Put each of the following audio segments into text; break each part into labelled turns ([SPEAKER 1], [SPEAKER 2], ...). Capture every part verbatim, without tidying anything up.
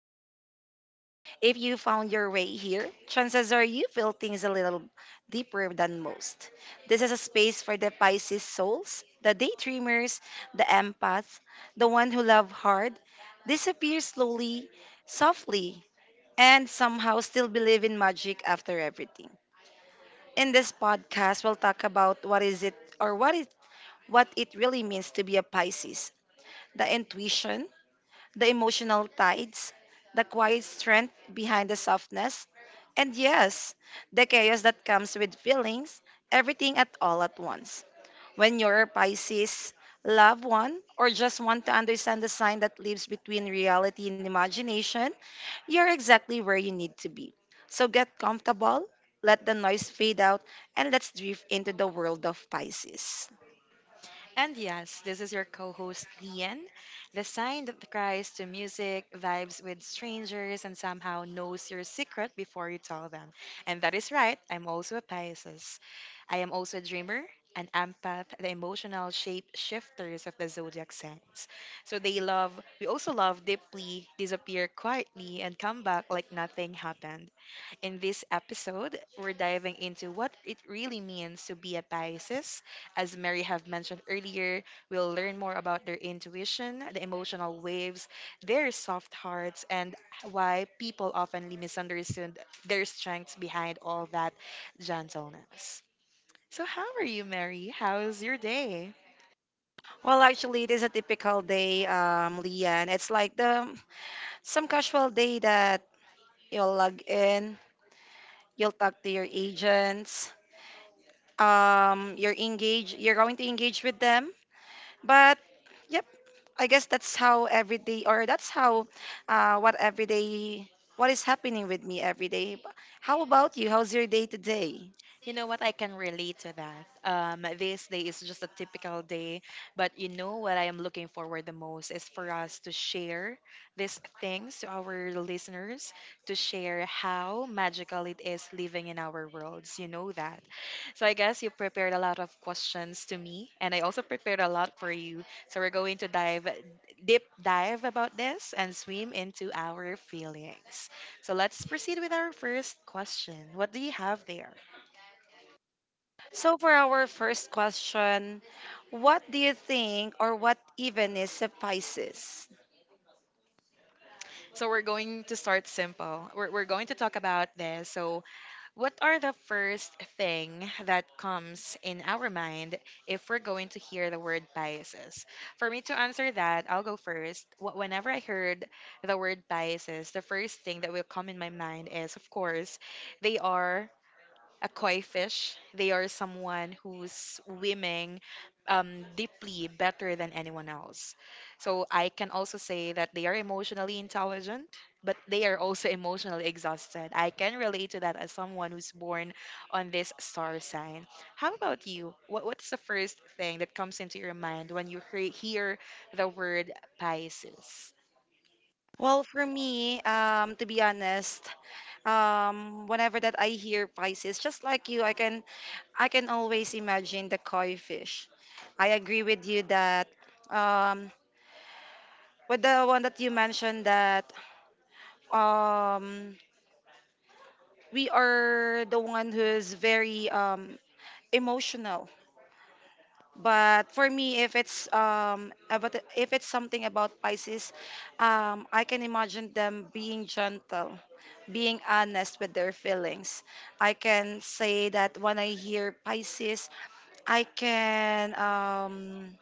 [SPEAKER 1] host, Mary. If you found your way here, chances are you feel things a little deeper than most. This is a space for the Pisces souls, the daydreamers, the empaths, the one who love hard, disappear slowly, softly, and somehow still believe in magic after everything. In this podcast, we'll talk about what is it or what it what it really means to be a Pisces, the intuition, the emotional tides, the quiet strength behind the softness, and yes, the chaos that comes with feelings, everything at all at once. When you're a Pisces, love one, or just want to understand the sign that lives between reality and imagination, you're exactly where you need to be. So get comfortable, let the noise fade out, and let's drift into the world of Pisces.
[SPEAKER 2] And yes, this is your co host, Lian, the sign that cries to music, vibes with strangers, and somehow knows your secret before you tell them. And that is right, I'm also a Pisces. I am also a dreamer, an empath, the emotional shape shifters of the zodiac signs. So they love, we also love deeply, disappear quietly, and come back like nothing happened. In this episode, we're diving into what it really means to be a Pisces as Mary have mentioned earlier, we'll learn more about their intuition, the emotional waves, their soft hearts, and why people often misunderstand their strengths behind all that gentleness. So, how are you, Mary? How's your day?
[SPEAKER 1] Well, actually, it is a typical day, um, Lian. It's like the some casual day that you'll log in, you'll talk to your agents. Um, you're engaged, you're going to engage with them. But yep, I guess that's how every day, or that's how uh, what every day, what is happening with me every day. B- How about you? How's your day today?
[SPEAKER 2] You know what? I can relate to that. Um, this day is just a typical day, but you know what I am looking forward the most is for us to share these things to our listeners, to share how magical it is living in our worlds. You know that. So I guess you prepared a lot of questions to me, and I also prepared a lot for you. So we're going to dive deep dive about this and swim into our feelings. So let's proceed with our first question. What do you have there?
[SPEAKER 1] So for our first question, what do you think, or what even is a Pisces?
[SPEAKER 2] So we're going to start simple. We're, we're going to talk about this. So, what are the first thing that comes in our mind if we're going to hear the word biases? For me to answer that, I'll go first. Wh- Whenever I heard the word biases, the first thing that will come in my mind is, of course, they are a koi fish. They are someone who's swimming um, deeply better than anyone else. So I can also say that they are emotionally intelligent, but they are also emotionally exhausted. I can relate to that as someone who's born on this star sign. How about you? What What's the first thing that comes into your mind when you hear, hear the word Pisces?
[SPEAKER 1] Well, for me, um, to be honest, um, whenever that I hear Pisces, just like you, I can I can always imagine the koi fish. I agree with you that, um, with the one that you mentioned, that, um, we are the one who is very, um, emotional. But for me, if it's um, about if it's something about Pisces, um, I can imagine them being gentle, being honest with their feelings. I can say that when I hear Pisces, I can um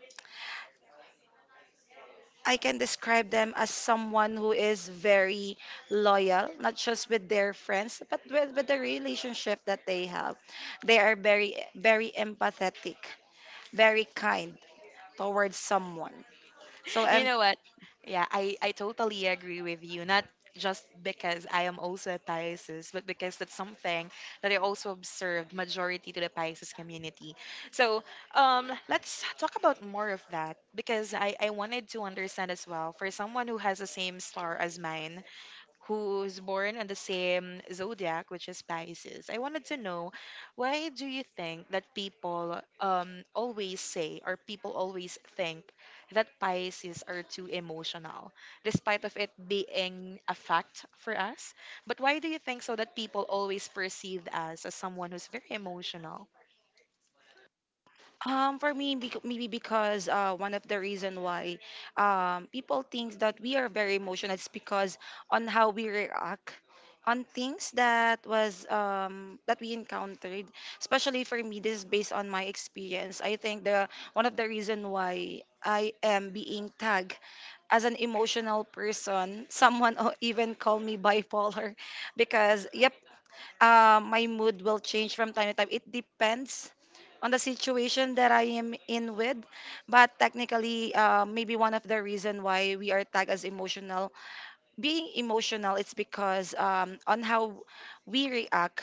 [SPEAKER 1] I can describe them as someone who is very loyal, not just with their friends, but with, with the relationship that they have. They are very, very empathetic, very kind towards someone. So
[SPEAKER 2] You
[SPEAKER 1] I'm.
[SPEAKER 2] know what? Yeah, I, I totally agree with you. Not just because I am also a Pisces, but because that's something that I also observed majority to the Pisces community. So um, let's talk about more of that because I, I wanted to understand as well for someone who has the same star as mine who's born on the same zodiac, which is Pisces. I wanted to know why do you think that people um, always say or people always think that Pisces are too emotional, despite of it being a fact for us? But why do you think so that people always perceived us as someone who's very emotional?
[SPEAKER 1] Um, for me, bec- maybe because uh, one of the reason why, um, people think that we are very emotional is because on how we react on things that was, um, that we encountered. Especially for me, this is based on my experience. I think the one of the reason why I am being tagged as an emotional person, someone o- even called me bipolar because yep, uh, my mood will change from time to time. It depends on the situation that I am in with. But technically, uh, maybe one of the reason why we are tagged as emotional, being emotional, it's because, um, on how we react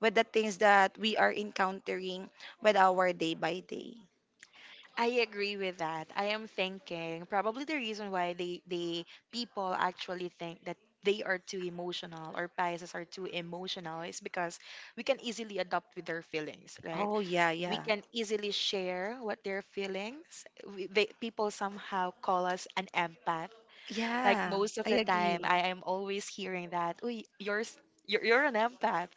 [SPEAKER 1] with the things that we are encountering with our day by day.
[SPEAKER 2] I agree with that. I am thinking probably the reason why they they people actually think that they are too emotional or biases are too emotional is because we can easily adopt with their feelings, right?
[SPEAKER 1] Oh, yeah,
[SPEAKER 2] We
[SPEAKER 1] yeah,
[SPEAKER 2] can easily share what their feelings. We, they, people somehow call us an empath like
[SPEAKER 1] yeah.
[SPEAKER 2] most of
[SPEAKER 1] I
[SPEAKER 2] the time,
[SPEAKER 1] agree.
[SPEAKER 2] I am always hearing that, "Uy, you're s- you're, you're an empath.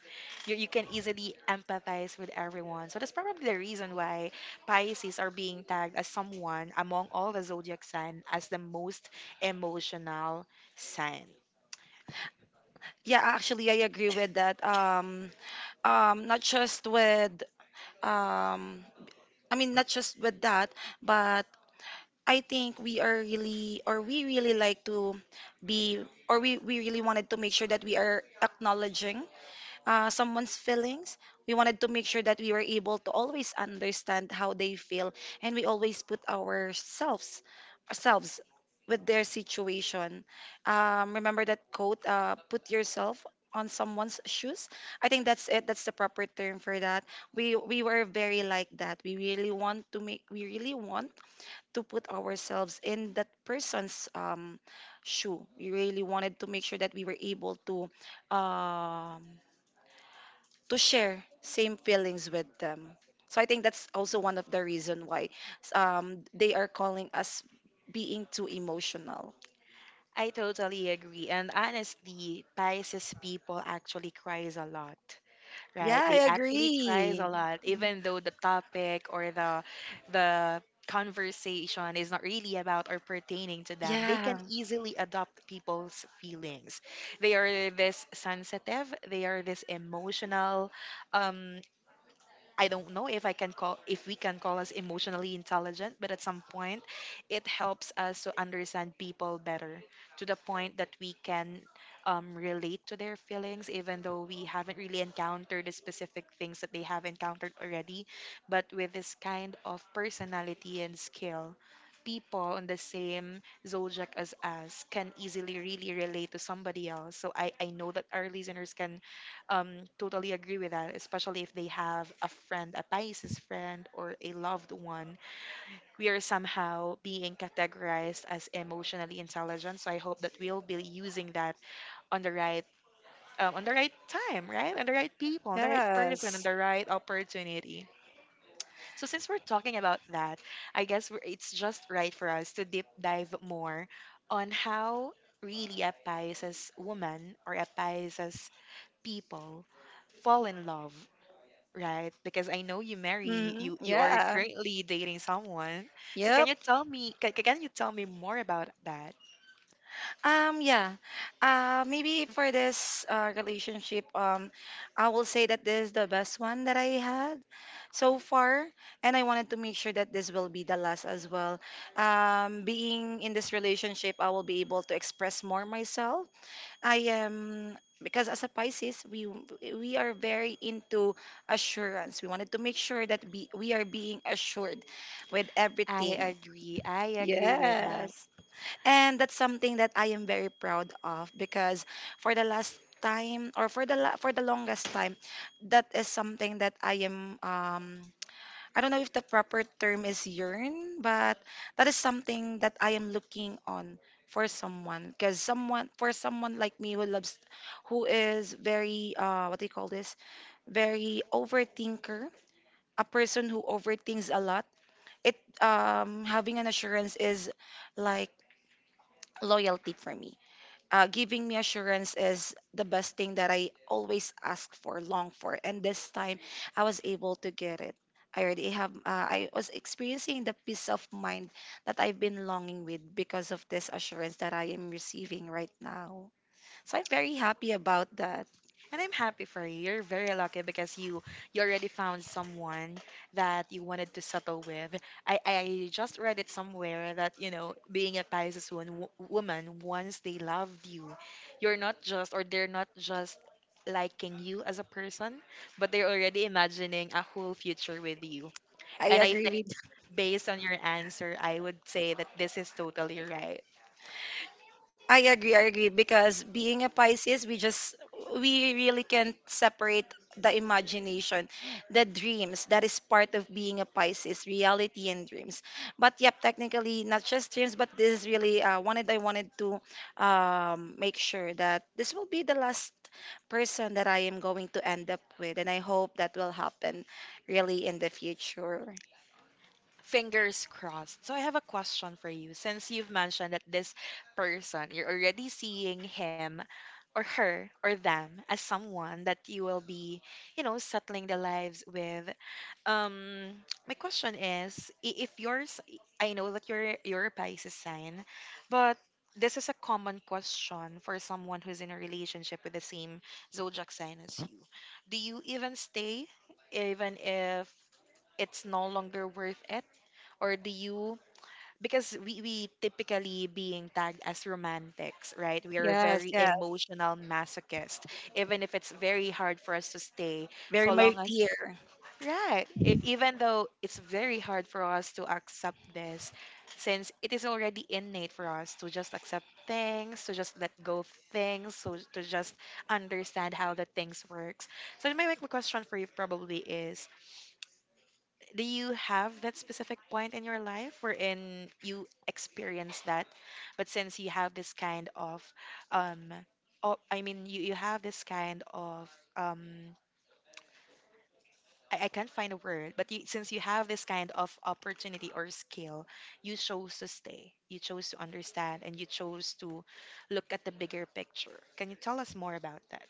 [SPEAKER 2] You, you can easily empathize with everyone." So that's probably the reason why Pisces are being tagged as someone among all the zodiac sign as the most emotional sign.
[SPEAKER 1] Yeah, actually, I agree with that. Um, um, not just with, um, I mean, not just with that, but I think we are really, or we really like to be, or we, we really wanted to make sure that we are acknowledging, uh, someone's feelings. We wanted to make sure that we were able to always understand how they feel, and we always put ourselves ourselves with their situation. Um, remember that quote: uh, "Put yourself on someone's shoes." I think that's it. That's the proper term for that. We we were very like that. We really want to make we really want to put ourselves in that person's, um shoe. We really wanted to make sure that we were able to, um to share same feelings with them. So I think that's also one of the reason why, um, they are calling us being too emotional.
[SPEAKER 2] I totally agree. And honestly, Pisces people actually cries a lot. Right?
[SPEAKER 1] Yeah,
[SPEAKER 2] They
[SPEAKER 1] I
[SPEAKER 2] actually cries
[SPEAKER 1] agree.
[SPEAKER 2] a lot, even though the topic or the the conversation is not really about or pertaining to them. They
[SPEAKER 1] Yeah.
[SPEAKER 2] can easily adopt people's feelings. They are this sensitive. They are this emotional. Um, I don't know if I can call if we can call us emotionally intelligent, but at some point it helps us to understand people better to the point that we can um, relate to their feelings even though we haven't really encountered the specific things that they have encountered already. But with this kind of personality and skill, people on the same zodiac as us can easily really relate to somebody else. So I, I know that our listeners can um totally agree with that, especially if they have a friend, a Pisces friend or a loved one. We are somehow being categorized as emotionally intelligent, so I hope that we'll be using that on the right um, on the right time, right, on the right people, on the right person, on
[SPEAKER 1] Yes.
[SPEAKER 2] the right opportunity. So since we're talking about that, I guess we're, it's just right for us to deep dive more on how really a Pisces woman or a Pisces people fall in love. Right, because I know you marry
[SPEAKER 1] Hmm,
[SPEAKER 2] you you are
[SPEAKER 1] yeah.
[SPEAKER 2] currently dating someone. So can
[SPEAKER 1] Yep.
[SPEAKER 2] you tell me, can, can you tell me more about that?
[SPEAKER 1] Um, yeah. Uh, maybe for this, uh, relationship, um, I will say that this is the best one that I had so far, and I wanted to make sure that this will be the last as well. Um, being in this relationship, I will be able to express more myself. I am. Because as a Pisces, we we are very into assurance. We wanted to make sure that be, we are being assured with
[SPEAKER 2] I
[SPEAKER 1] everything.
[SPEAKER 2] agree. I agree with that.
[SPEAKER 1] Yes. And that's something that I am very proud of, because for the last time or for the la- for the longest time, that is something that I am, um I don't know if the proper term is yearn, but that is something that I am looking on for someone, because someone for someone like me who loves, who is very, uh what do you call this? Very overthinker, a person who overthinks a lot. It um Having an assurance is like loyalty for me. Uh, giving me assurance is the best thing that I always ask for, long for. And this time, I was able to get it. I already have. uh, I was experiencing the peace of mind that I've been longing with because of this assurance that I am receiving right now. So I'm very happy about that.
[SPEAKER 2] And I'm happy for you. You're very lucky because you you already found someone that you wanted to settle with. I I just read it somewhere that you know being a Pisces woman, woman once they loved you, you're not just or they're not just liking you as a person, but they're already imagining a whole future with you.
[SPEAKER 1] I
[SPEAKER 2] And I think
[SPEAKER 1] agree.
[SPEAKER 2] based on your answer, I would say that this is totally right.
[SPEAKER 1] I agree, I agree. Because being a Pisces, we just we really can't separate the imagination, the dreams. That is part of being a Pisces, reality and dreams. But yep, technically not just dreams, but this is really, uh, wanted. I wanted to, um, make sure that this will be the last person that I am going to end up with, and I hope that will happen really in the future.
[SPEAKER 2] Fingers crossed. So I have a question for you. Since you've mentioned that this person, you're already seeing him or her or them as someone that you will be, you know, settling the lives with. Um my question is i- if yours, I know that you're you're a Pisces sign, but this is a common question for someone who's in a relationship with the same zodiac sign as you. Do you even stay even if it's no longer worth it? Or do you, because we, we typically being tagged as romantics, right? We are a
[SPEAKER 1] Yes,
[SPEAKER 2] very
[SPEAKER 1] yeah,
[SPEAKER 2] emotional masochist, even if it's very hard for us to stay,
[SPEAKER 1] very
[SPEAKER 2] so
[SPEAKER 1] my
[SPEAKER 2] long as
[SPEAKER 1] dear.
[SPEAKER 2] right. e- Even though it's very hard for us to accept this, since it is already innate for us to just accept things, to just let go of things, so to just understand how the things works. So my my question for you probably is, do you have that specific point in your life wherein you experience that, but since you have this kind of um oh, I mean you, you have this kind of um I, I can't find a word, but you, since you have this kind of opportunity or skill, you chose to stay, you chose to understand, and you chose to look at the bigger picture. Can you tell us more about that?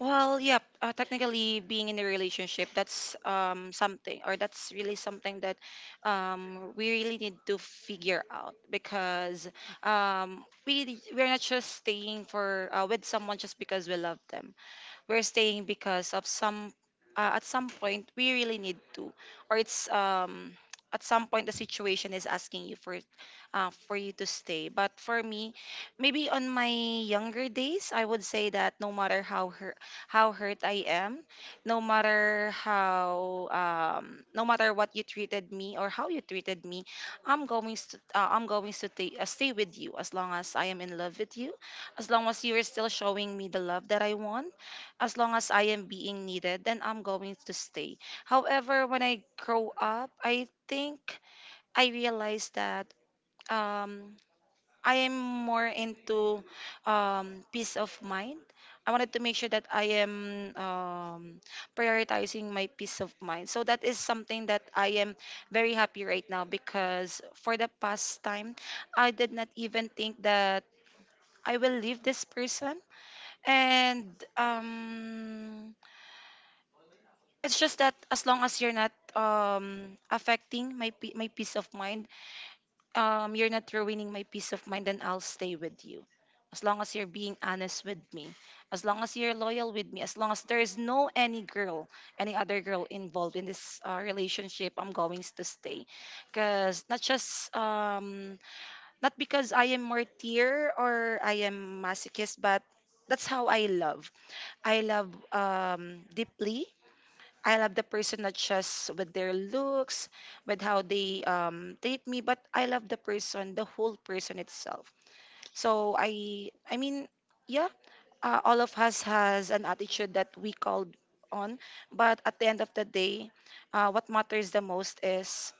[SPEAKER 1] Well, yep. Uh, technically, being in a relationship, that's, um something, or that's really something that, um we really need to figure out, because, um we we're not just staying for, uh, with someone just because we love them. We're staying because of some, uh, at some point we really need to, or it's, um at some point the situation is asking you for uh, for you to stay. But for me, maybe on my younger days, I would say that no matter how hurt how hurt I am, no matter how um, no matter what you treated me or how you treated me, i'm going to uh, i'm going to ta- uh, stay with you as long as I am in love with you, as long as you are still showing me the love that I want, as long as I am being needed, then I'm going to stay. However, when I grow up, I think I realized that, um, I am more into, um, peace of mind. I wanted to make sure that I am, um, prioritizing my peace of mind. So that is something that I am very happy right now, because for the past time, I did not even think that I will leave this person. And um, It's just that as long as you're not, um affecting my pe- my peace of mind, um you're not ruining my peace of mind, then I'll stay with you. As long as you're being honest with me, as long as you're loyal with me, as long as there is no any girl, any other girl involved in this, uh, relationship, I'm going to stay. Cause not just um not because I am martyr or I am masochist, but that's how I love. I love, um deeply. I love the person not just with their looks, with how they, um, treat me, but I love the person, the whole person itself. So I, I mean, yeah, uh, all of us has an attitude that we called on, but at the end of the day, uh, what matters the most is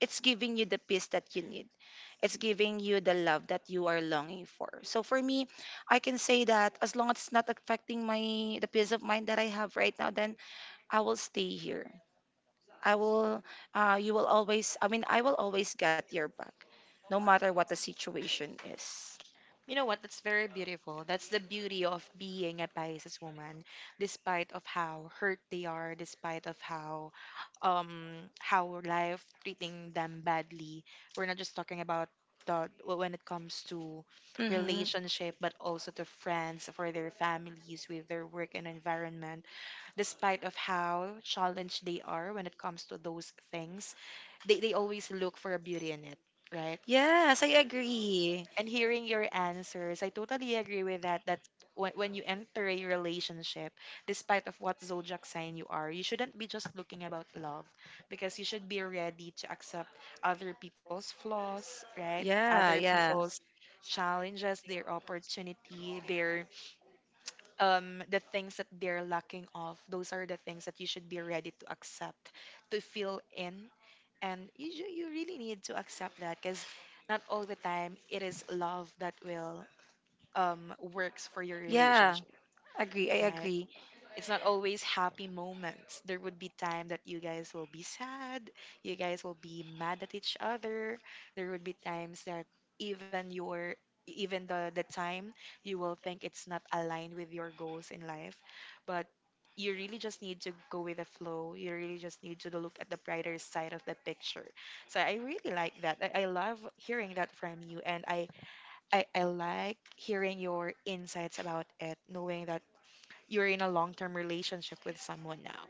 [SPEAKER 1] it's giving you the peace that you need. It's giving you the love that you are longing for. So for me, I can say that as long as it's not affecting my the peace of mind that I have right now, then I will stay here. I will, uh, you will always, I mean, I will always get your back, no matter what the situation is.
[SPEAKER 2] You know what? That's very beautiful. That's the beauty of being a Pisces woman, despite of how hurt they are, despite of how um how life treating them badly. We're not just talking about the when it comes to
[SPEAKER 1] Mm-hmm.
[SPEAKER 2] relationship, but also to friends, for their families, with their work and environment. Despite of how challenged they are when it comes to those things, they, they always look for a beauty in it, right?
[SPEAKER 1] Yes, I agree.
[SPEAKER 2] And hearing your answers, I totally agree with that, that when, when you enter a relationship, despite of what zodiac sign you are, you shouldn't be just looking about love, because you should be ready to accept other people's flaws, right,
[SPEAKER 1] Yeah,
[SPEAKER 2] other
[SPEAKER 1] yeah.
[SPEAKER 2] people's challenges, their opportunity, their um the things that they're lacking of. Those are the things that you should be ready to accept, to fill in, and you, ju- you really need to accept that, because not all the time it is love that will um works for your
[SPEAKER 1] Yeah,
[SPEAKER 2] relationship,
[SPEAKER 1] agree. I
[SPEAKER 2] right?
[SPEAKER 1] agree.
[SPEAKER 2] It's not always happy moments. There would be time that you guys will be sad, you guys will be mad at each other. There would be times that even your even the the time you will think it's not aligned with your goals in life, but you really just need to go with the flow. You really just need to look at the brighter side of the picture. So I really like that. I, I love hearing that from you, and I, I I like hearing your insights about it, knowing that you're in a long-term relationship with someone now.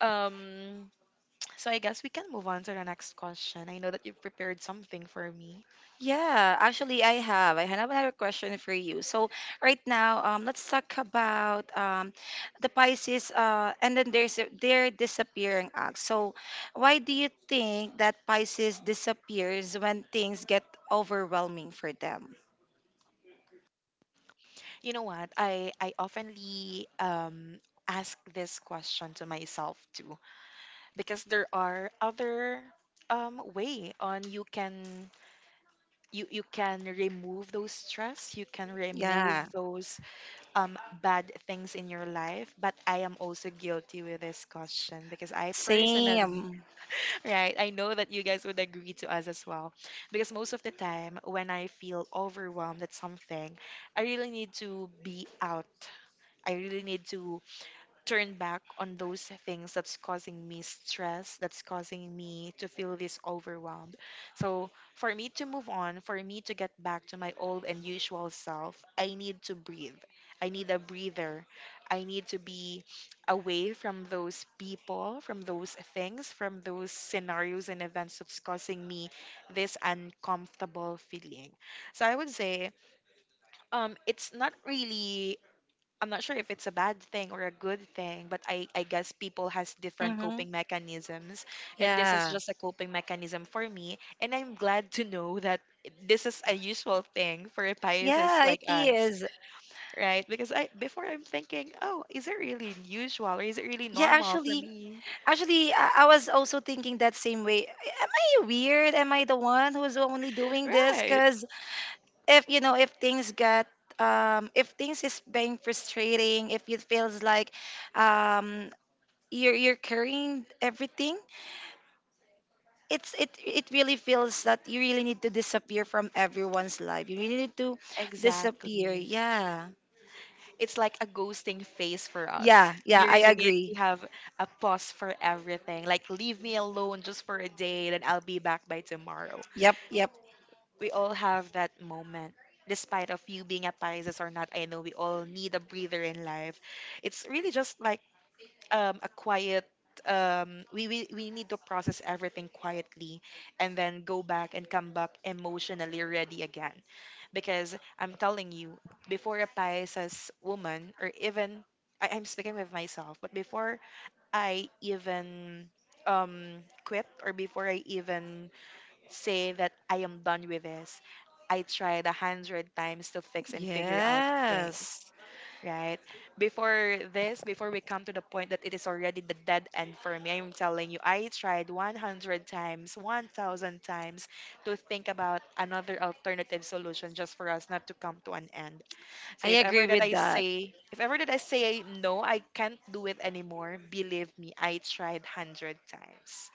[SPEAKER 2] Um, so I guess we can move on to the next question. I know that you've prepared something for me.
[SPEAKER 1] Yeah, actually, I have. I have another question for you. So, right now, um, let's talk about, um, the Pisces, uh, and then there's a- their disappearing act. So, why do you think that Pisces disappears when things get overwhelming for them?
[SPEAKER 2] You know what? I I oftenly um ask this question to myself too, because there are other um way on you can you you can remove those stress, you can remove
[SPEAKER 1] Yeah,
[SPEAKER 2] those um bad things in your life, but I am also guilty with this question because I personally
[SPEAKER 1] same.
[SPEAKER 2] right. I know that you guys would agree to us as well. Because most of the time, when I feel overwhelmed at something, I really need to be out. I really need to turn back on those things that's causing me stress, that's causing me to feel this overwhelmed. So, for me to move on, for me to get back to my old and usual self, I need to breathe. I need a breather. I need to be away from those people, from those things, from those scenarios and events that's causing me this uncomfortable feeling. So I would say um, it's not really— I'm not sure if it's a bad thing or a good thing, but I, I guess people has different coping
[SPEAKER 1] Mm-hmm.
[SPEAKER 2] mechanisms. And this is
[SPEAKER 1] Yeah.
[SPEAKER 2] just a coping mechanism for me. And I'm glad to know that this is a usual thing for Pisces
[SPEAKER 1] Yeah,
[SPEAKER 2] like
[SPEAKER 1] it
[SPEAKER 2] us,
[SPEAKER 1] is.
[SPEAKER 2] right? Because I— before I'm thinking, oh, is it really usual or is it really
[SPEAKER 1] Yeah,
[SPEAKER 2] normal for
[SPEAKER 1] actually,
[SPEAKER 2] me?
[SPEAKER 1] Actually, I, I was also thinking that same way. Am I weird? Am I the one who's only doing this?
[SPEAKER 2] Right.
[SPEAKER 1] Because if you know, if things get, um, if things is being frustrating, if it feels like, um, you're you're carrying everything, it's it it really feels that you really need to disappear from everyone's life. You really need to disappear.
[SPEAKER 2] Exactly.
[SPEAKER 1] Yeah,
[SPEAKER 2] It's like a ghosting phase for us.
[SPEAKER 1] yeah, yeah.
[SPEAKER 2] We
[SPEAKER 1] I
[SPEAKER 2] really need to
[SPEAKER 1] agree.
[SPEAKER 2] have a pause for everything. Like, leave me alone just for a day, then I'll be back by tomorrow.
[SPEAKER 1] Yep, yep.
[SPEAKER 2] We all have that moment. Despite of you being a Pisces or not, I know we all need a breather in life. It's really just like um, a quiet um we, we we need to process everything quietly and then go back and come back emotionally ready again, because I'm telling you, before a Pisces woman, or even— I, i'm speaking with myself, but before I even um quit, or before I even say that I am done with this, I tried a hundred times to fix and figure out things,
[SPEAKER 1] Yes,
[SPEAKER 2] right? Before this, before we come to the point that it is already the dead end for me, I'm telling you, I tried one hundred times, one thousand times to think about another alternative solution just for us not to come to an end.
[SPEAKER 1] I
[SPEAKER 2] So if ever
[SPEAKER 1] agree
[SPEAKER 2] that
[SPEAKER 1] with
[SPEAKER 2] I
[SPEAKER 1] that.
[SPEAKER 2] say— if ever that I say no, I can't do it anymore, believe me, I tried one hundred times.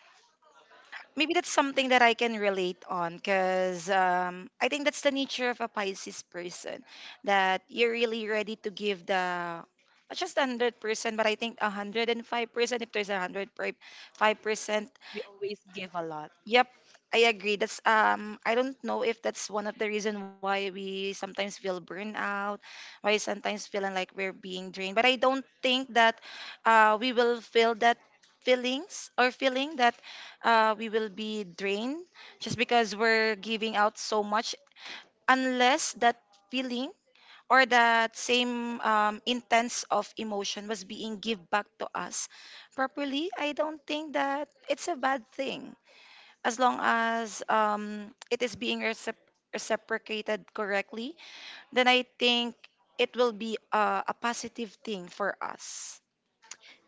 [SPEAKER 1] Maybe that's something that I can relate on because um, I think that's the nature of a Pisces person that you're really ready to give the not just one hundred percent, but I think one hundred and five percent. If there's a hundred five percent.
[SPEAKER 2] We always give a lot.
[SPEAKER 1] Yep, I agree. That's um I don't know if that's one of the reason why we sometimes feel burnout, why sometimes feeling like we're being drained. But I don't think that uh we will feel that feelings or feeling that uh we will be drained just because we're giving out so much unless that feeling or that same um, intense of emotion was being give back to us properly. I don't think that it's a bad thing as long as um, it is being recip- reciprocated correctly, then I think it will be uh, a positive thing for us.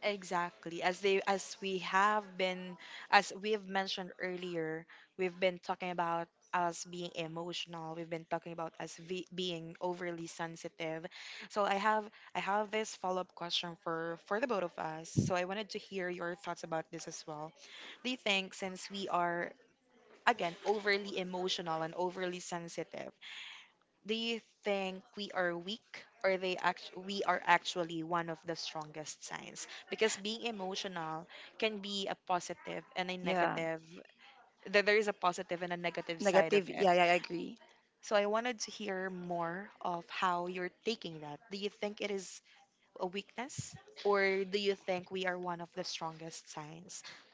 [SPEAKER 2] Exactly. As they— as we have been— as we've mentioned earlier, we've been talking about us being emotional. We've been talking about us ve- being overly sensitive. So I have— I have this follow-up question for— for the both of us. So I wanted to hear your thoughts about this as well. Do you think, since we are again overly emotional and overly sensitive, do you think we are weak, or they act-— we are actually one of the strongest signs? Because being emotional can be a positive and a
[SPEAKER 1] Yeah,
[SPEAKER 2] negative. That there is a positive and a negative side of
[SPEAKER 1] negative.
[SPEAKER 2] it.
[SPEAKER 1] Yeah, yeah, I agree.
[SPEAKER 2] So I wanted to hear more of how you're taking that. Do you think it is a weakness, or do you think we are one of the strongest signs?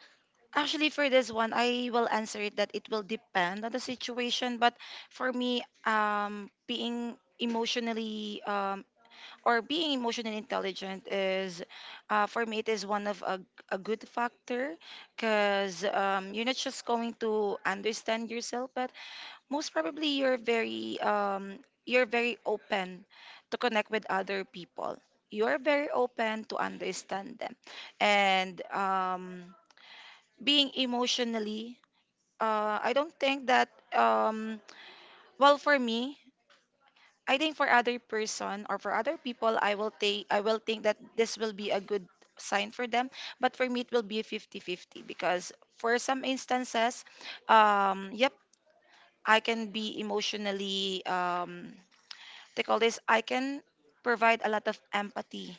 [SPEAKER 1] Actually, for this one, I will answer it that it will depend on the situation. But for me, um, being emotionally um, or being emotionally intelligent is, uh, for me it is one of a, a good factor because um, you're not just going to understand yourself, but most probably you're very um, you're very open to connect with other people, you're very open to understand them, and um, being emotionally, uh, I don't think that, um, well for me, I think for other person or for other people, I will take I will think that this will be a good sign for them. But for me, it will be fifty fifty because for some instances, um, yep, I can be emotionally um, they call this, I can provide a lot of empathy.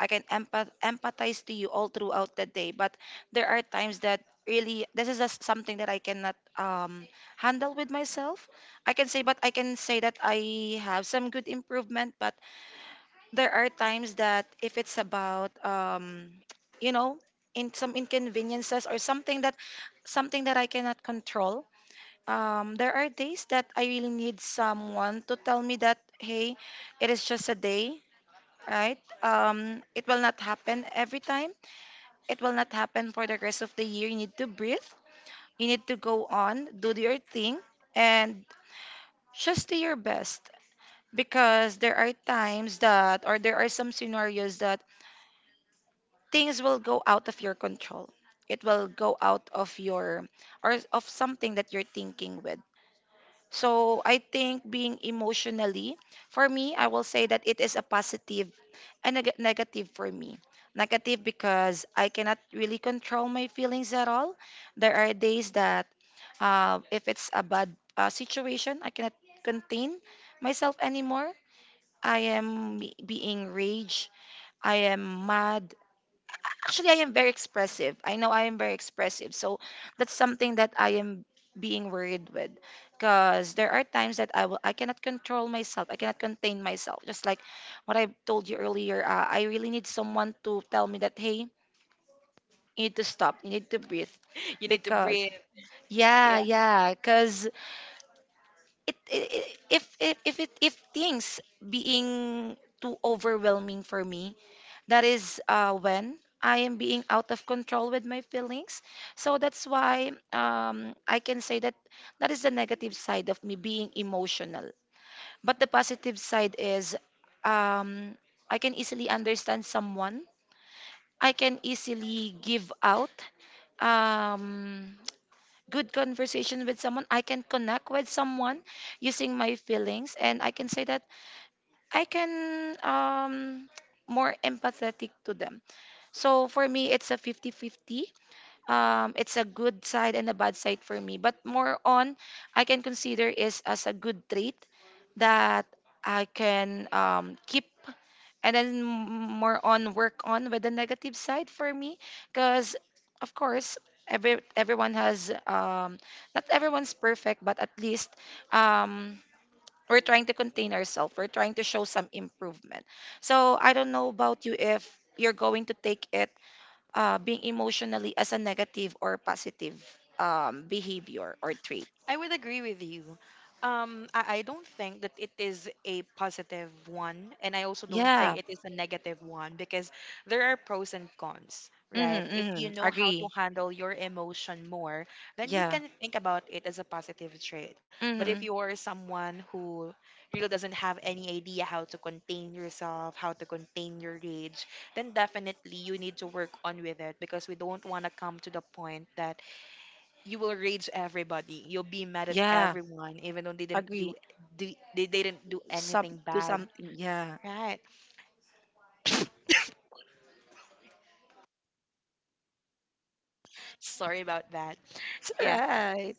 [SPEAKER 1] I can empath- empathize to you all throughout the day, but there are times that really this is just something that I cannot um, handle with myself. I can say, but I can say that I have some good improvement, but there are times that if it's about, um, you know in some inconveniences or something that something that I cannot control. Um, there are days that I really need someone to tell me that, hey, it is just a day, right? Um, it will not happen every time. It will not happen for the rest of the year. You need to breathe. You need to go on, do your thing, and just do your best. Because there are times that, or there are some scenarios that things will go out of your control. It will go out of your, or of something that you're thinking with. So I think being emotionally, for me, I will say that it is a positive and neg- negative for me. Negative because I cannot really control my feelings at all. There are days that uh, if it's a bad uh, situation, I cannot contain myself anymore. I am be- being rage. I am mad. Actually, I am very expressive. I know I am very expressive. So that's something that I am being worried with because there are times that I will I cannot control myself. I cannot contain myself. Just like what I told you earlier, uh, I really need someone to tell me that, hey, you need to stop. You need to breathe
[SPEAKER 2] You need to
[SPEAKER 1] because
[SPEAKER 2] breathe.
[SPEAKER 1] yeah, yeah, because it, it, it if if if it if things being too overwhelming for me, that is uh, when I am being out of control with my feelings. So that's why um, I can say that that is the negative side of me being emotional. But the positive side is, um, I can easily understand someone, I can easily give out um, good conversation with someone, I can connect with someone using my feelings, and I can say that I can. Um, more empathetic to them. So for me, it's a fifty-fifty. Um, it's a good side and a bad side for me. But more on, I can consider is as a good trait that I can um, keep, and then m- more on work on with the negative side for me. Because, of course, every everyone has, um, not everyone's perfect, but at least, um, we're trying to contain ourselves. We're trying to show some improvement. So I don't know about you if you're going to take it, uh, being emotionally as a negative or positive um, behavior or trait.
[SPEAKER 2] I would agree with you. Um, I, I don't think that it is a positive one, and I also don't think
[SPEAKER 1] Yeah.
[SPEAKER 2] it is a negative one, because there are pros and cons, right?
[SPEAKER 1] Mm-hmm,
[SPEAKER 2] If you
[SPEAKER 1] mm-hmm.
[SPEAKER 2] know how to
[SPEAKER 1] Agree.
[SPEAKER 2] handle your emotion more, then you
[SPEAKER 1] Yeah.
[SPEAKER 2] can think about it as a positive trait. But if
[SPEAKER 1] Mm-hmm.
[SPEAKER 2] you are someone who really doesn't have any idea how to contain yourself, how to contain your rage, then definitely you need to work on with it, because we don't want to come to the point that you will rage everybody. You'll be mad at
[SPEAKER 1] Yeah.
[SPEAKER 2] everyone, even though they didn't do—
[SPEAKER 1] Agree.
[SPEAKER 2] do— they didn't do
[SPEAKER 1] Some
[SPEAKER 2] anything
[SPEAKER 1] do
[SPEAKER 2] bad.
[SPEAKER 1] something. Yeah.
[SPEAKER 2] Right. Sorry about that.
[SPEAKER 1] It's
[SPEAKER 2] Yeah.
[SPEAKER 1] right.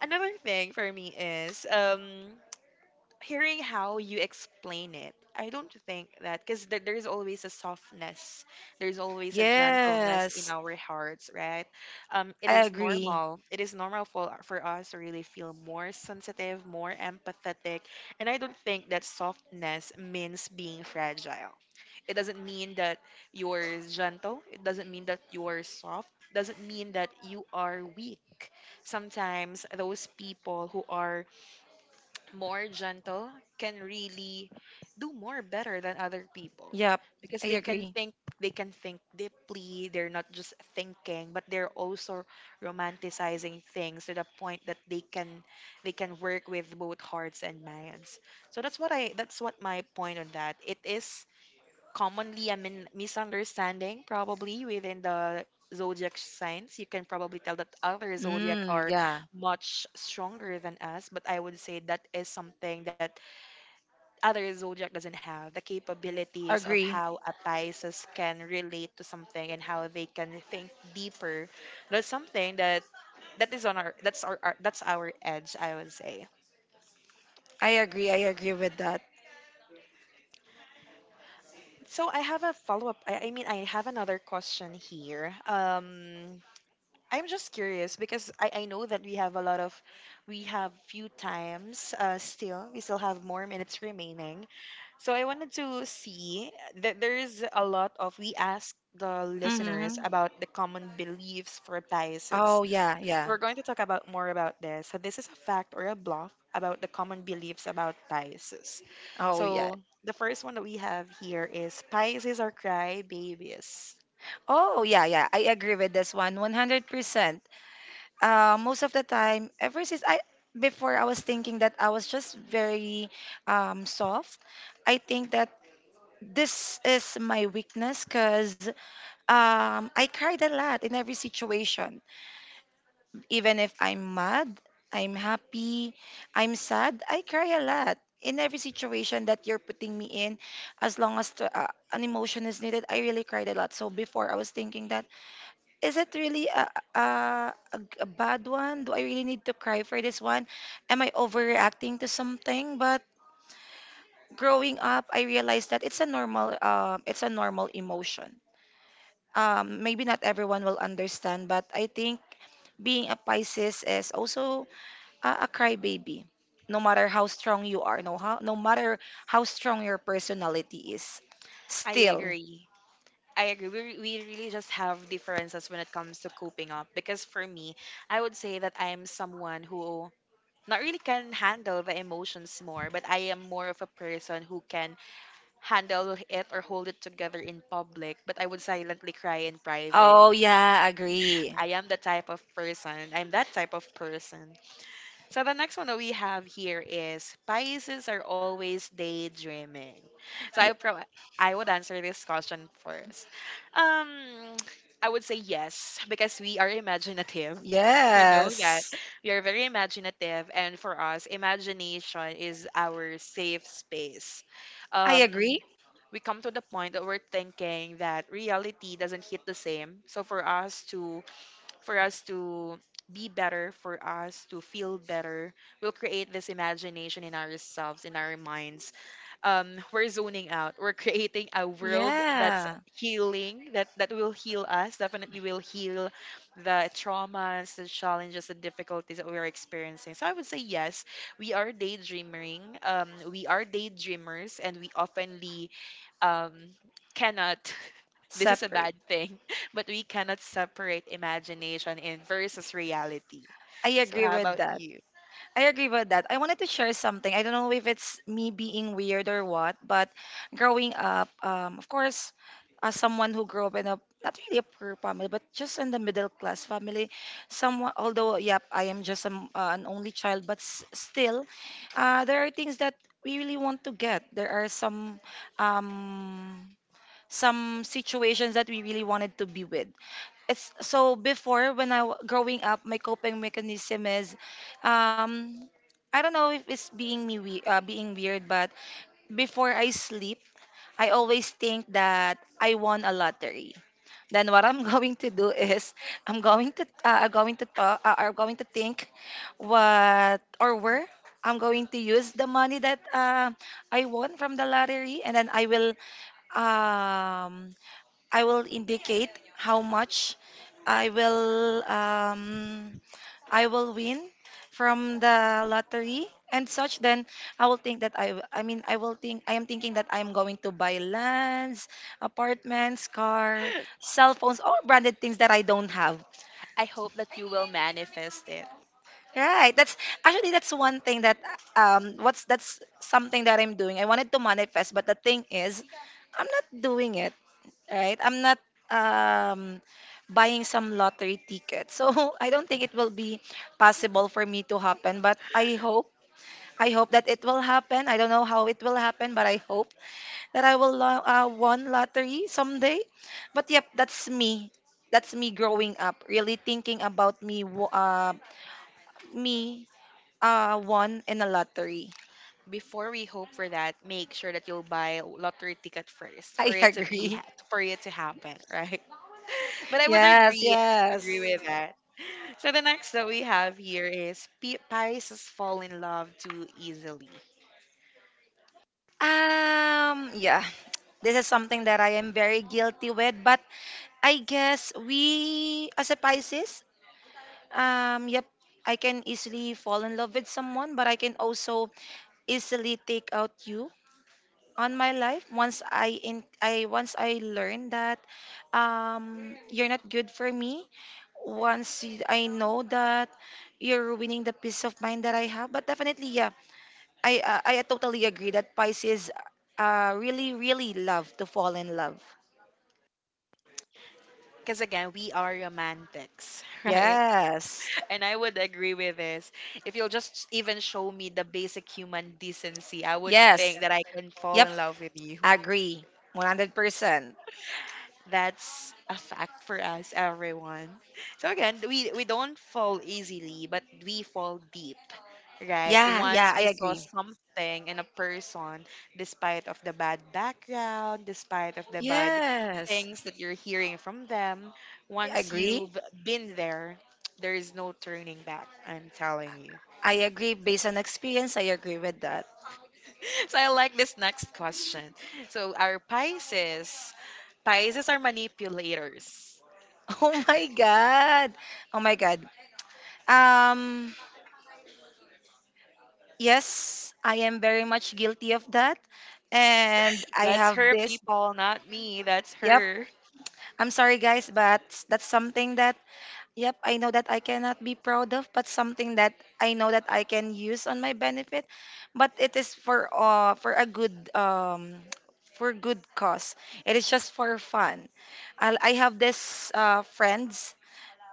[SPEAKER 2] Another thing for me is um hearing how you explain it, I don't think that, because there— there's always a softness, there's always a gentleness in
[SPEAKER 1] Yes.
[SPEAKER 2] our hearts, right? Um, it
[SPEAKER 1] I
[SPEAKER 2] is
[SPEAKER 1] agree.
[SPEAKER 2] normal. It is normal for— for us to really feel more sensitive, more empathetic, and I don't think that softness means being fragile. It doesn't mean that you're gentle. It doesn't mean that you're soft. Doesn't mean that you are weak. Sometimes those people who are more gentle can really do more better than other people,
[SPEAKER 1] Yep.
[SPEAKER 2] because
[SPEAKER 1] I
[SPEAKER 2] they can
[SPEAKER 1] agree.
[SPEAKER 2] think— they can think deeply. They're not just thinking, but they're also romanticizing things to the point that they can— they can work with both hearts and minds. So that's what I— that's what my point on, that it is commonly a min- misunderstanding, probably, within the zodiac signs. You can probably tell that other zodiac
[SPEAKER 1] Mm,
[SPEAKER 2] are
[SPEAKER 1] yeah.
[SPEAKER 2] much stronger than us, but I would say that is something that other zodiac doesn't have the capabilities of
[SPEAKER 1] Agree.
[SPEAKER 2] how a Pisces can relate to something and how they can think deeper. That's something that— that is on our— that's our, our that's our edge, I would say.
[SPEAKER 1] I agree. I agree with that.
[SPEAKER 2] So I have a follow up. I, I mean, I have another question here. Um, I'm just curious, because I, I know that we have a lot of— we have few times uh, still. We still have more minutes remaining. So I wanted to see that there is a lot of— we asked the listeners
[SPEAKER 1] Mm-hmm.
[SPEAKER 2] about the common beliefs for biases.
[SPEAKER 1] Oh, yeah,
[SPEAKER 2] So
[SPEAKER 1] yeah.
[SPEAKER 2] we're going to talk about more about this. So this is a fact or a bluff about the common beliefs about biases.
[SPEAKER 1] Oh, yeah.
[SPEAKER 2] So the first one that we have here is: biases are cry babies.
[SPEAKER 1] Oh, yeah, yeah. I agree with this one 100%. Uh, most of the time, ever since I, before I was thinking that I was just very, um, soft, I think that this is my weakness because, um, I cried a lot in every situation. Even if I'm mad, I'm happy, I'm sad, I cry a lot. In every situation that you're putting me in, as long as the, uh, an emotion is needed, I really cried a lot. So before I was thinking that, is it really a, a, a, a bad one? Do I really need to cry for this one? Am I overreacting to something? But growing up, I realized that it's a normal, um, it's a normal emotion. Um, maybe not everyone will understand, but I think being a Pisces is also a, a crybaby. No matter how strong you are, no how, no matter how strong your personality is,
[SPEAKER 2] I
[SPEAKER 1] still.
[SPEAKER 2] agree. I agree. We, re-— we really just have differences when it comes to coping up. Because for me, I would say that I am someone who not really can handle the emotions more, but I am more of a person who can handle it or hold it together in public, but I would silently cry in private.
[SPEAKER 1] Oh yeah, agree.
[SPEAKER 2] I am the type of person. I'm that type of person. So the next one that we have here is: Pisces are always daydreaming. So I
[SPEAKER 1] Y-
[SPEAKER 2] pro- I would answer this question first. Um, I would say yes, because we are imaginative. You know that
[SPEAKER 1] yes,
[SPEAKER 2] we are very imaginative, and for us, imagination is our safe space.
[SPEAKER 1] I
[SPEAKER 2] Um,
[SPEAKER 1] agree.
[SPEAKER 2] we come to the point that we're thinking that reality doesn't hit the same. So for us to— for us to be better, for us to feel better. We'll create this imagination in ourselves, in our minds. Um, we're zoning out. We're creating a world that's
[SPEAKER 1] Yeah,
[SPEAKER 2] healing, that, that will heal us, definitely will heal the traumas, the challenges, the difficulties that we're experiencing. So I would say yes, we are daydreaming. Um, we are daydreamers, and we oftenly um, cannot. This is a
[SPEAKER 1] separate.
[SPEAKER 2] bad thing, but we cannot separate imagination in versus reality.
[SPEAKER 1] I
[SPEAKER 2] So
[SPEAKER 1] agree
[SPEAKER 2] how
[SPEAKER 1] with
[SPEAKER 2] about
[SPEAKER 1] that.
[SPEAKER 2] you?
[SPEAKER 1] I agree with that. I wanted to share something. I don't know if it's me being weird or what, but growing up, um, of course, as someone who grew up in a not really a poor family, but just in the middle class family, someone. Although, yep, I am just um, uh, an only child, but s- still, uh, there are things that we really want to get. There are some, um, some situations that we really wanted to be with. It's so before when I w- growing up, my coping mechanism is, um, I don't know if it's being me we uh, being weird, but before I sleep, I always think that I won a lottery. Then what I'm going to do is I'm going to uh, I'm going to talk uh, I'm going to think what or where I'm going to use the money that, uh, I won from the lottery, and then I will, um I will indicate how much I will, um, I will win from the lottery and such. Then I will think that I I mean I will think, I am thinking that I am going to buy lands, apartments, car, cell phones, all branded things that I don't have.
[SPEAKER 2] I hope that you will manifest it.
[SPEAKER 1] Right. That's actually that's one thing that, um what's that's something that I'm doing. I wanted to manifest, but the thing is I'm not doing it, right? I'm not, um buying some lottery ticket. So I don't think it will be possible for me to happen, but I hope I hope that it will happen. I don't know how it will happen, but I hope that I will lo- uh, won lottery someday. But yep, that's me. That's me growing up, really thinking about me wo- uh me uh won in a lottery.
[SPEAKER 2] Before we hope for that, make sure that you'll buy a lottery ticket first
[SPEAKER 1] I
[SPEAKER 2] for it to be
[SPEAKER 1] agree.
[SPEAKER 2] ha- for it to happen, right? But I would
[SPEAKER 1] Yes,
[SPEAKER 2] agree— agree
[SPEAKER 1] yes.
[SPEAKER 2] with that. So the next that we have here is: P- Pisces fall in love too easily.
[SPEAKER 1] Um, yeah. This is something that I am very guilty with, but I guess we as a Pisces, um, yep, I can easily fall in love with someone, but I can also easily take out you on my life once I in I once I learn that, um you're not good for me. Once y- I know that you're ruining the peace of mind that I have, but definitely, yeah, I uh, I totally agree that Pisces, uh really really love to fall in love.
[SPEAKER 2] Because again, we are romantics, right?
[SPEAKER 1] Yes.
[SPEAKER 2] And I would agree with this. If you'll just even show me the basic human decency, I would think
[SPEAKER 1] Yes.
[SPEAKER 2] that I can fall in
[SPEAKER 1] Yep.
[SPEAKER 2] love with you.
[SPEAKER 1] Agree. one hundred percent.
[SPEAKER 2] That's a fact for us, everyone. So again, we we don't fall easily, but we fall deep, right?
[SPEAKER 1] Yeah, yeah,
[SPEAKER 2] Once
[SPEAKER 1] I
[SPEAKER 2] we saw
[SPEAKER 1] agree.
[SPEAKER 2] something in a person, despite of the bad background, despite of the bad
[SPEAKER 1] Yes.
[SPEAKER 2] things that you're hearing from them,
[SPEAKER 1] I
[SPEAKER 2] once
[SPEAKER 1] agree.
[SPEAKER 2] you've been there, there is no turning back. I'm telling you.
[SPEAKER 1] I agree based on experience. I agree with that.
[SPEAKER 2] So I like this next question. So our Pisces— Pisces are manipulators.
[SPEAKER 1] Oh my god. Oh my god. Um yes, I am very much guilty of that. And I
[SPEAKER 2] That's
[SPEAKER 1] have
[SPEAKER 2] her,
[SPEAKER 1] this.
[SPEAKER 2] people, not me. That's
[SPEAKER 1] Yep.
[SPEAKER 2] her.
[SPEAKER 1] I'm sorry guys, but that's something that, yep, I know that I cannot be proud of, but something that I know that I can use on my benefit. But it is for, uh for a good, um for good cause. It is just for fun. I I have this, uh friends.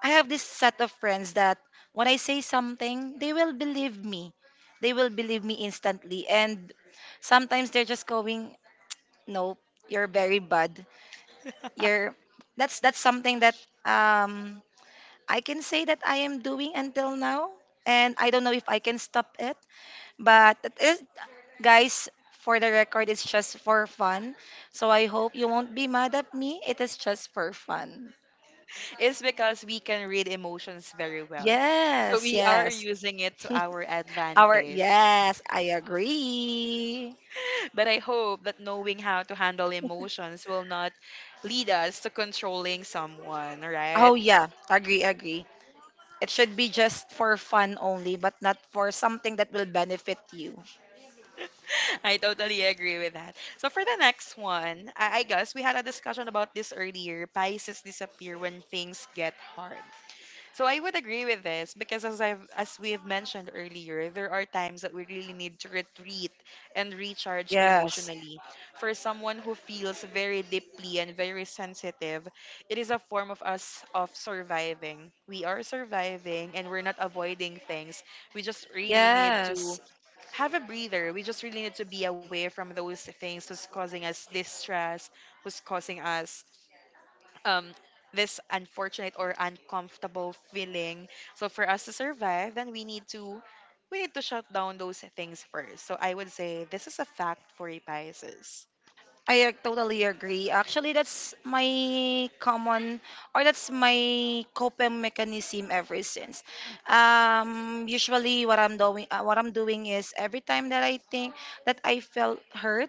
[SPEAKER 1] I have this set of friends that when I say something, they will believe me. They will believe me instantly. And sometimes they're just going, "No, you're very bad. You're that's that's something that, um I can say that I am doing until now, and I don't know if I can stop it. But it is, guys, for the record, it's just for fun. So I hope you won't be mad at me. It is just for fun.
[SPEAKER 2] It's because we can read emotions very well. So
[SPEAKER 1] Yes,
[SPEAKER 2] we are
[SPEAKER 1] yes.
[SPEAKER 2] using it to our
[SPEAKER 1] Our
[SPEAKER 2] advantage.
[SPEAKER 1] yes, I agree.
[SPEAKER 2] But I hope that knowing how to handle emotions will not lead us to controlling someone, right?
[SPEAKER 1] Oh yeah, agree, agree. It should be just for fun only, but not for something that will benefit you.
[SPEAKER 2] I totally agree with that. So for the next one, I, I guess we had a discussion about this earlier. Pisces disappear when things get hard. So I would agree with this, because as I've— as we've mentioned earlier, there are times that we really need to retreat and recharge
[SPEAKER 1] Yes.
[SPEAKER 2] emotionally. For someone who feels very deeply and very sensitive, it is a form of us of surviving. We are surviving, and we're not avoiding things. We just really need to
[SPEAKER 1] Yes.
[SPEAKER 2] have a breather. We just really need to be away from those things who's causing us distress, who's causing us um this unfortunate or uncomfortable feeling. So for us to survive, then we need to— we need to shut down those things first. So I would say this is a fact for you, Pisces.
[SPEAKER 1] I ag- totally agree. Actually, that's my common, or that's my coping mechanism ever since. Um, usually, what I'm doing, uh, what I'm doing is every time that I think that I felt hurt,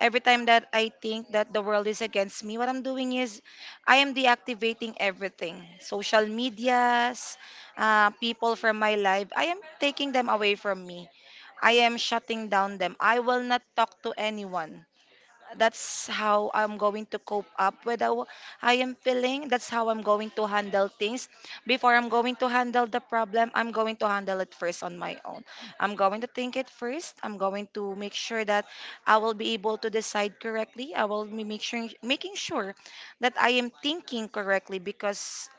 [SPEAKER 1] every time that I think that the world is against me, what I'm doing is I am deactivating everything, social medias, uh, people from my life. I am taking them away from me. I am shutting down them. I will not talk to anyone. That's how I'm going to cope up with how I am feeling. That's how I'm going to handle things. Before I'm going to handle the problem, I'm going to handle it first on my own. I'm going to think it first. I'm going to make sure that I will be able to decide correctly. I will be make sure, making sure that I am thinking correctly because,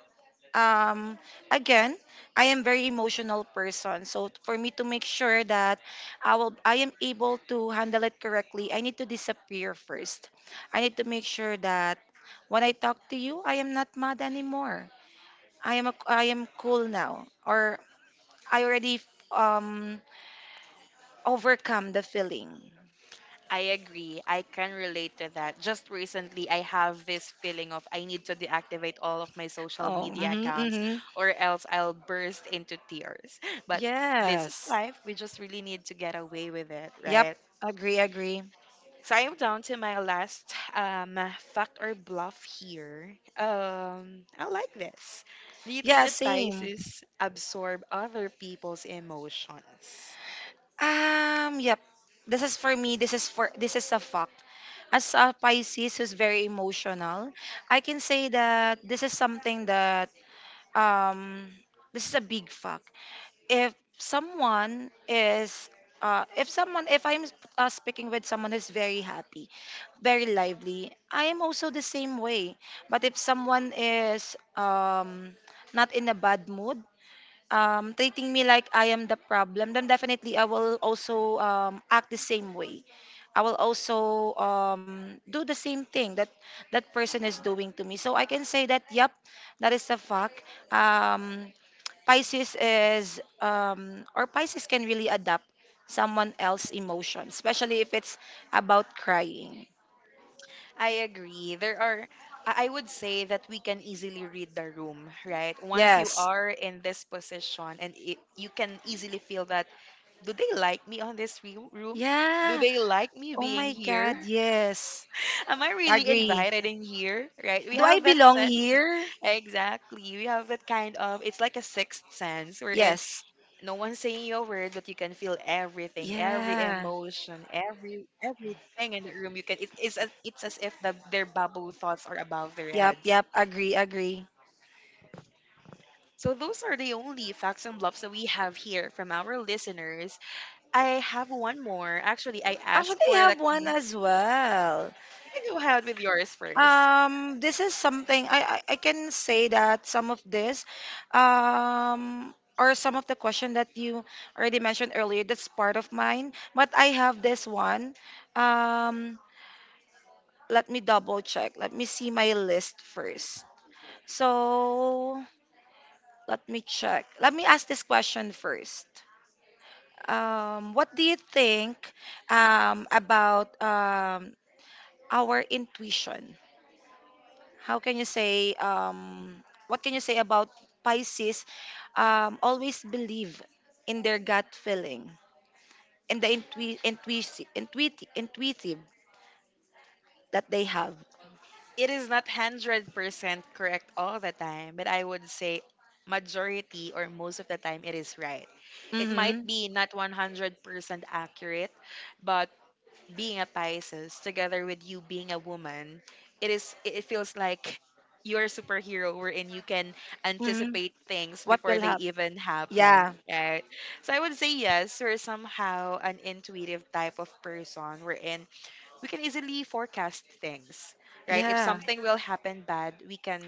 [SPEAKER 1] um again, I am very emotional person, so for me to make sure that i will i am able to handle it correctly, I need to disappear first. I need to make sure that when I talk to you, I am not mad anymore. I am a, i am cool now, or I already um overcome the feeling.
[SPEAKER 2] I agree. I can relate to that. Just recently, I have this feeling of I need to deactivate all of my social
[SPEAKER 1] Oh,
[SPEAKER 2] media
[SPEAKER 1] mm-hmm,
[SPEAKER 2] accounts,
[SPEAKER 1] mm-hmm.
[SPEAKER 2] or else I'll burst into tears. But this is
[SPEAKER 1] Yes.
[SPEAKER 2] life. We just really need to get away with it,
[SPEAKER 1] Yep.
[SPEAKER 2] right?
[SPEAKER 1] Agree, agree.
[SPEAKER 2] So I am down to my last um fact or bluff here. Um, I like this. Do you think
[SPEAKER 1] Yeah,
[SPEAKER 2] that— Yes.
[SPEAKER 1] same.
[SPEAKER 2] Pisces absorb other people's emotions?
[SPEAKER 1] Um yep. This is for me. This is for this is a fuck. As a Pisces who's very emotional, I can say that this is something that um, this is a big fact. If someone is uh, if someone if I'm uh, speaking with someone who's very happy, very lively, I am also the same way. But if someone is um, not in a bad mood, um, treating me like I am the problem, then definitely I will also um, act the same way. I will also um, do the same thing that that person is doing to me. So I can say that, yep, that is a fact. Um, Pisces is, um, or Pisces can really adapt someone else's emotion, especially if it's about crying.
[SPEAKER 2] I agree. There are— I I would say that we can easily read the room, right? Once you— Yes.
[SPEAKER 1] Yes.
[SPEAKER 2] are in this position, and it, you can easily feel that, do they like me on this re- room? Do
[SPEAKER 1] Yeah.
[SPEAKER 2] they like me
[SPEAKER 1] Oh
[SPEAKER 2] being
[SPEAKER 1] my God.
[SPEAKER 2] here?
[SPEAKER 1] Yes.
[SPEAKER 2] Am I really
[SPEAKER 1] Agree.
[SPEAKER 2] invited in here? Right? We
[SPEAKER 1] Do I
[SPEAKER 2] have that
[SPEAKER 1] belong
[SPEAKER 2] sense.
[SPEAKER 1] here?
[SPEAKER 2] Exactly. We have that kind of, it's like a sixth sense. We're in,
[SPEAKER 1] Yes.
[SPEAKER 2] no one's saying your word, but you can feel everything, every
[SPEAKER 1] Yeah.
[SPEAKER 2] emotion, every everything in the room. You can, it, it's, as- It's as if the, their bubble thoughts are above their
[SPEAKER 1] Yep,
[SPEAKER 2] heads.
[SPEAKER 1] yep. Agree, agree.
[SPEAKER 2] So those are the only facts and bluffs that we have here from our listeners. I have one more. Actually, I
[SPEAKER 1] Actually,
[SPEAKER 2] asked
[SPEAKER 1] I
[SPEAKER 2] for the,
[SPEAKER 1] have one
[SPEAKER 2] com-
[SPEAKER 1] as well.
[SPEAKER 2] you can go ahead with yours first.
[SPEAKER 1] Um, this is something I, I, I can say that some of this, um, or some of the question that you already mentioned earlier, that's part of mine. But I have this one. Um, Let me double check. Let me see my list first. So let me check. Let me ask this question first. Um, what do you think um, about um, our intuition? How can you say, um, what can you say about Pisces um, always believe in their gut feeling and the intui- intuitive, intuitive, intuitive that they have?
[SPEAKER 2] It is not one hundred percent correct all the time, but I would say majority or most of the time it is right. It might
[SPEAKER 1] Mm-hmm.
[SPEAKER 2] be not one hundred percent accurate, but being a Pisces together with you being a woman, it is it it feels like you're a superhero wherein you can
[SPEAKER 1] Mm-hmm.
[SPEAKER 2] anticipate things
[SPEAKER 1] What
[SPEAKER 2] before
[SPEAKER 1] will
[SPEAKER 2] they
[SPEAKER 1] happen?
[SPEAKER 2] even happen,
[SPEAKER 1] Yeah.
[SPEAKER 2] right? So I would say yes, we're somehow an intuitive type of person wherein we can easily forecast things, right? If
[SPEAKER 1] Yeah.
[SPEAKER 2] something will happen bad, we can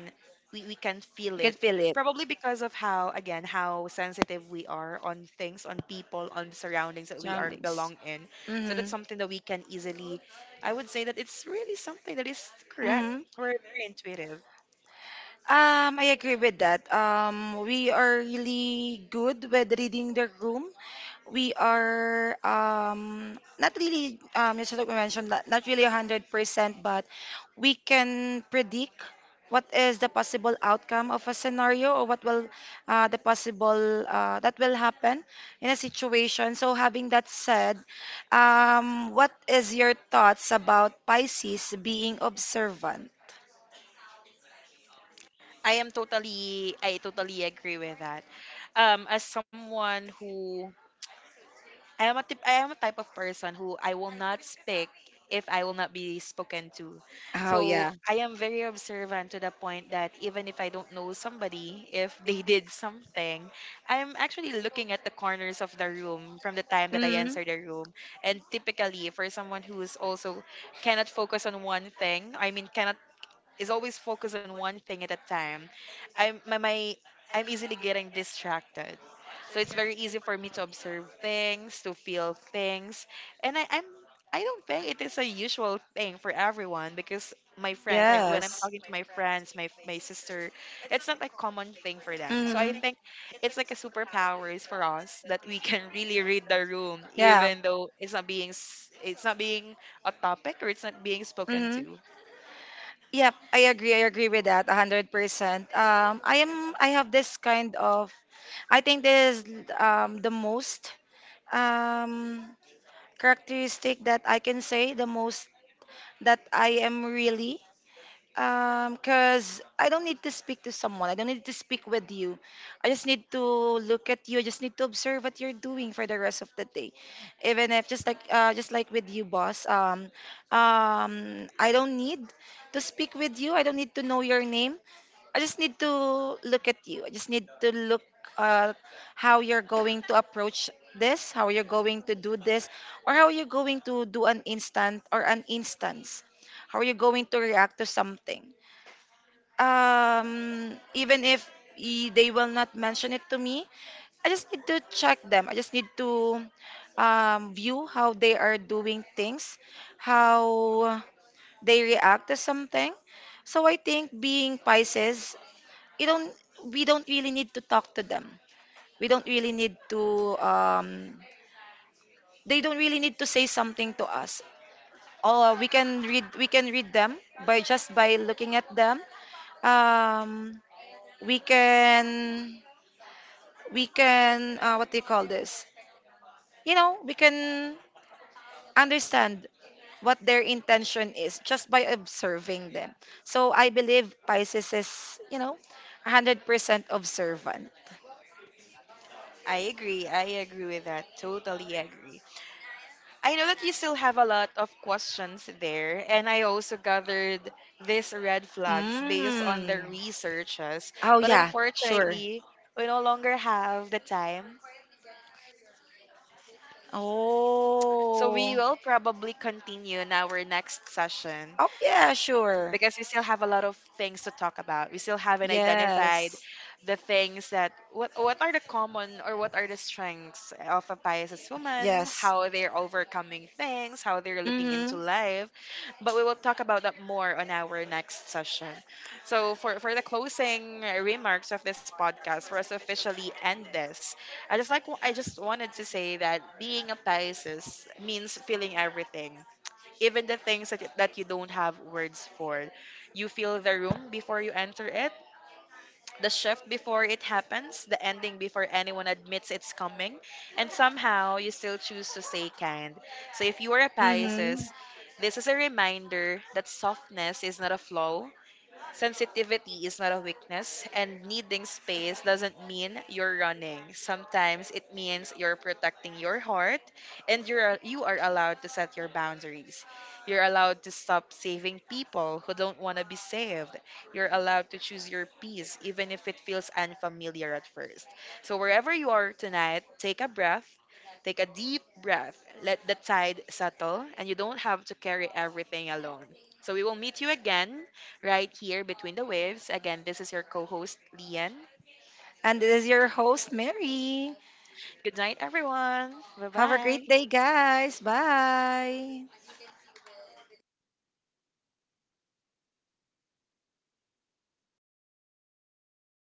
[SPEAKER 2] we, we can feel
[SPEAKER 1] You can
[SPEAKER 2] it,
[SPEAKER 1] feel it.
[SPEAKER 2] probably because of how, again, how sensitive we are on things, on people, on surroundings that we are
[SPEAKER 1] Surroundings.
[SPEAKER 2] belong in. So that's
[SPEAKER 1] Mm-hmm.
[SPEAKER 2] something that we can easily, I would say that it's really something that is correct.
[SPEAKER 1] Mm-hmm.
[SPEAKER 2] We're very intuitive.
[SPEAKER 1] Um, I agree with that. Um, we are really good with reading the room. We are um not really um just like we mentioned, not, not really one hundred percent, but we can predict what is the possible outcome of a scenario, or what will uh, the possible uh, that will happen in a situation. So having that said, um, what is your thoughts about Pisces being observant?
[SPEAKER 2] I am totally, I totally agree with that. um as someone who I am a tip, I am a type of person who I will not speak if I will not be spoken to.
[SPEAKER 1] Oh
[SPEAKER 2] So
[SPEAKER 1] yeah.
[SPEAKER 2] I am very observant to the point that even if I don't know somebody, if they did something, I'm actually looking at the corners of the room from the time that I
[SPEAKER 1] Mm.
[SPEAKER 2] enter the room. And typically for someone who is also cannot focus on one thing, I mean cannot is always focused on one thing at a time, I'm my, my I'm easily getting distracted. So it's very easy for me to observe things, to feel things, and I, I'm I don't think it is a usual thing for everyone, because my friends, I, when I'm
[SPEAKER 1] Yes.
[SPEAKER 2] talking to my friends, my my sister, it's not a common thing for them. So I
[SPEAKER 1] Mm.
[SPEAKER 2] think it's like a superpower is for us, that we can really read the room,
[SPEAKER 1] Yeah.
[SPEAKER 2] even though it's not being s- it's not being a topic or it's not being spoken
[SPEAKER 1] Mm-hmm.
[SPEAKER 2] to.
[SPEAKER 1] Yep, I agree. I agree with that one hundred percent. Um, I am I have this kind of, I think this is um the most um characteristic that I can say the most that I am really. Um, cause I don't need to speak to someone. I don't need to speak with you. I just need to look at you. I just need to observe what you're doing for the rest of the day. Even if just like uh, just like with you, boss. Um, um, I don't need to speak with you. I don't need to know your name. I just need to look at you. I just need to look, uh, how you're going to approach this, how you're going to do this, or how you're going to do an instant or an instance. How are you going to react to something? Um even if i- they will not mention it to me, I just need to check them. I just need to um, view how they are doing things, how they react to something. So I think being Pisces, you don't we don't really need to talk to them. We don't really need to um, They don't really need to say something to us, or we can read we can read them by just by looking at them. Um, we can we can uh, What do you call this? You know we can understand what their intention is just by observing them. So I believe Pisces is you know one hundred percent observant.
[SPEAKER 2] I agree. I agree with that. Totally agree. I know that you still have a lot of questions there, and I also gathered these red flags based on the
[SPEAKER 1] Mm.
[SPEAKER 2] researches.
[SPEAKER 1] Oh,
[SPEAKER 2] But
[SPEAKER 1] yeah, sure.
[SPEAKER 2] unfortunately, we no longer have the time. So we
[SPEAKER 1] oh
[SPEAKER 2] will probably continue in our next session,
[SPEAKER 1] oh yeah, sure.
[SPEAKER 2] because we still have a lot of things to talk about. We still haven't identified
[SPEAKER 1] Yes,
[SPEAKER 2] the things that what what are the common or what are the strengths of a Pisces woman,
[SPEAKER 1] yes.
[SPEAKER 2] how they're overcoming things, how they're looking
[SPEAKER 1] Hmm.
[SPEAKER 2] into life. But we will talk about that more on our next session. So for for the closing remarks of this podcast, for us to officially end this, I just like I just wanted to say that being a Pisces means feeling everything, even the things that, that you don't have words for. You feel the room before you enter it, the shift before it happens, the ending before anyone admits it's coming, and somehow you still choose to stay kind. So if you are a
[SPEAKER 1] Hmm.
[SPEAKER 2] Pisces, this is a reminder that softness is not a flaw, sensitivity is not a weakness, and needing space doesn't mean you're running. Sometimes it means you're protecting your heart, and you're you are allowed to set your boundaries. You're allowed to stop saving people who don't want to be saved. You're allowed to choose your peace, even if it feels unfamiliar at first. So wherever you are tonight, take a breath. Take a deep breath. Let the tide settle, and you don't have to carry everything alone. So we will meet you again right here between the waves. Again, this is your co host, Lian.
[SPEAKER 1] And this is your host, Mary.
[SPEAKER 2] Good night, everyone. Bye
[SPEAKER 1] Have a great
[SPEAKER 2] bye.
[SPEAKER 1] day, guys. Bye.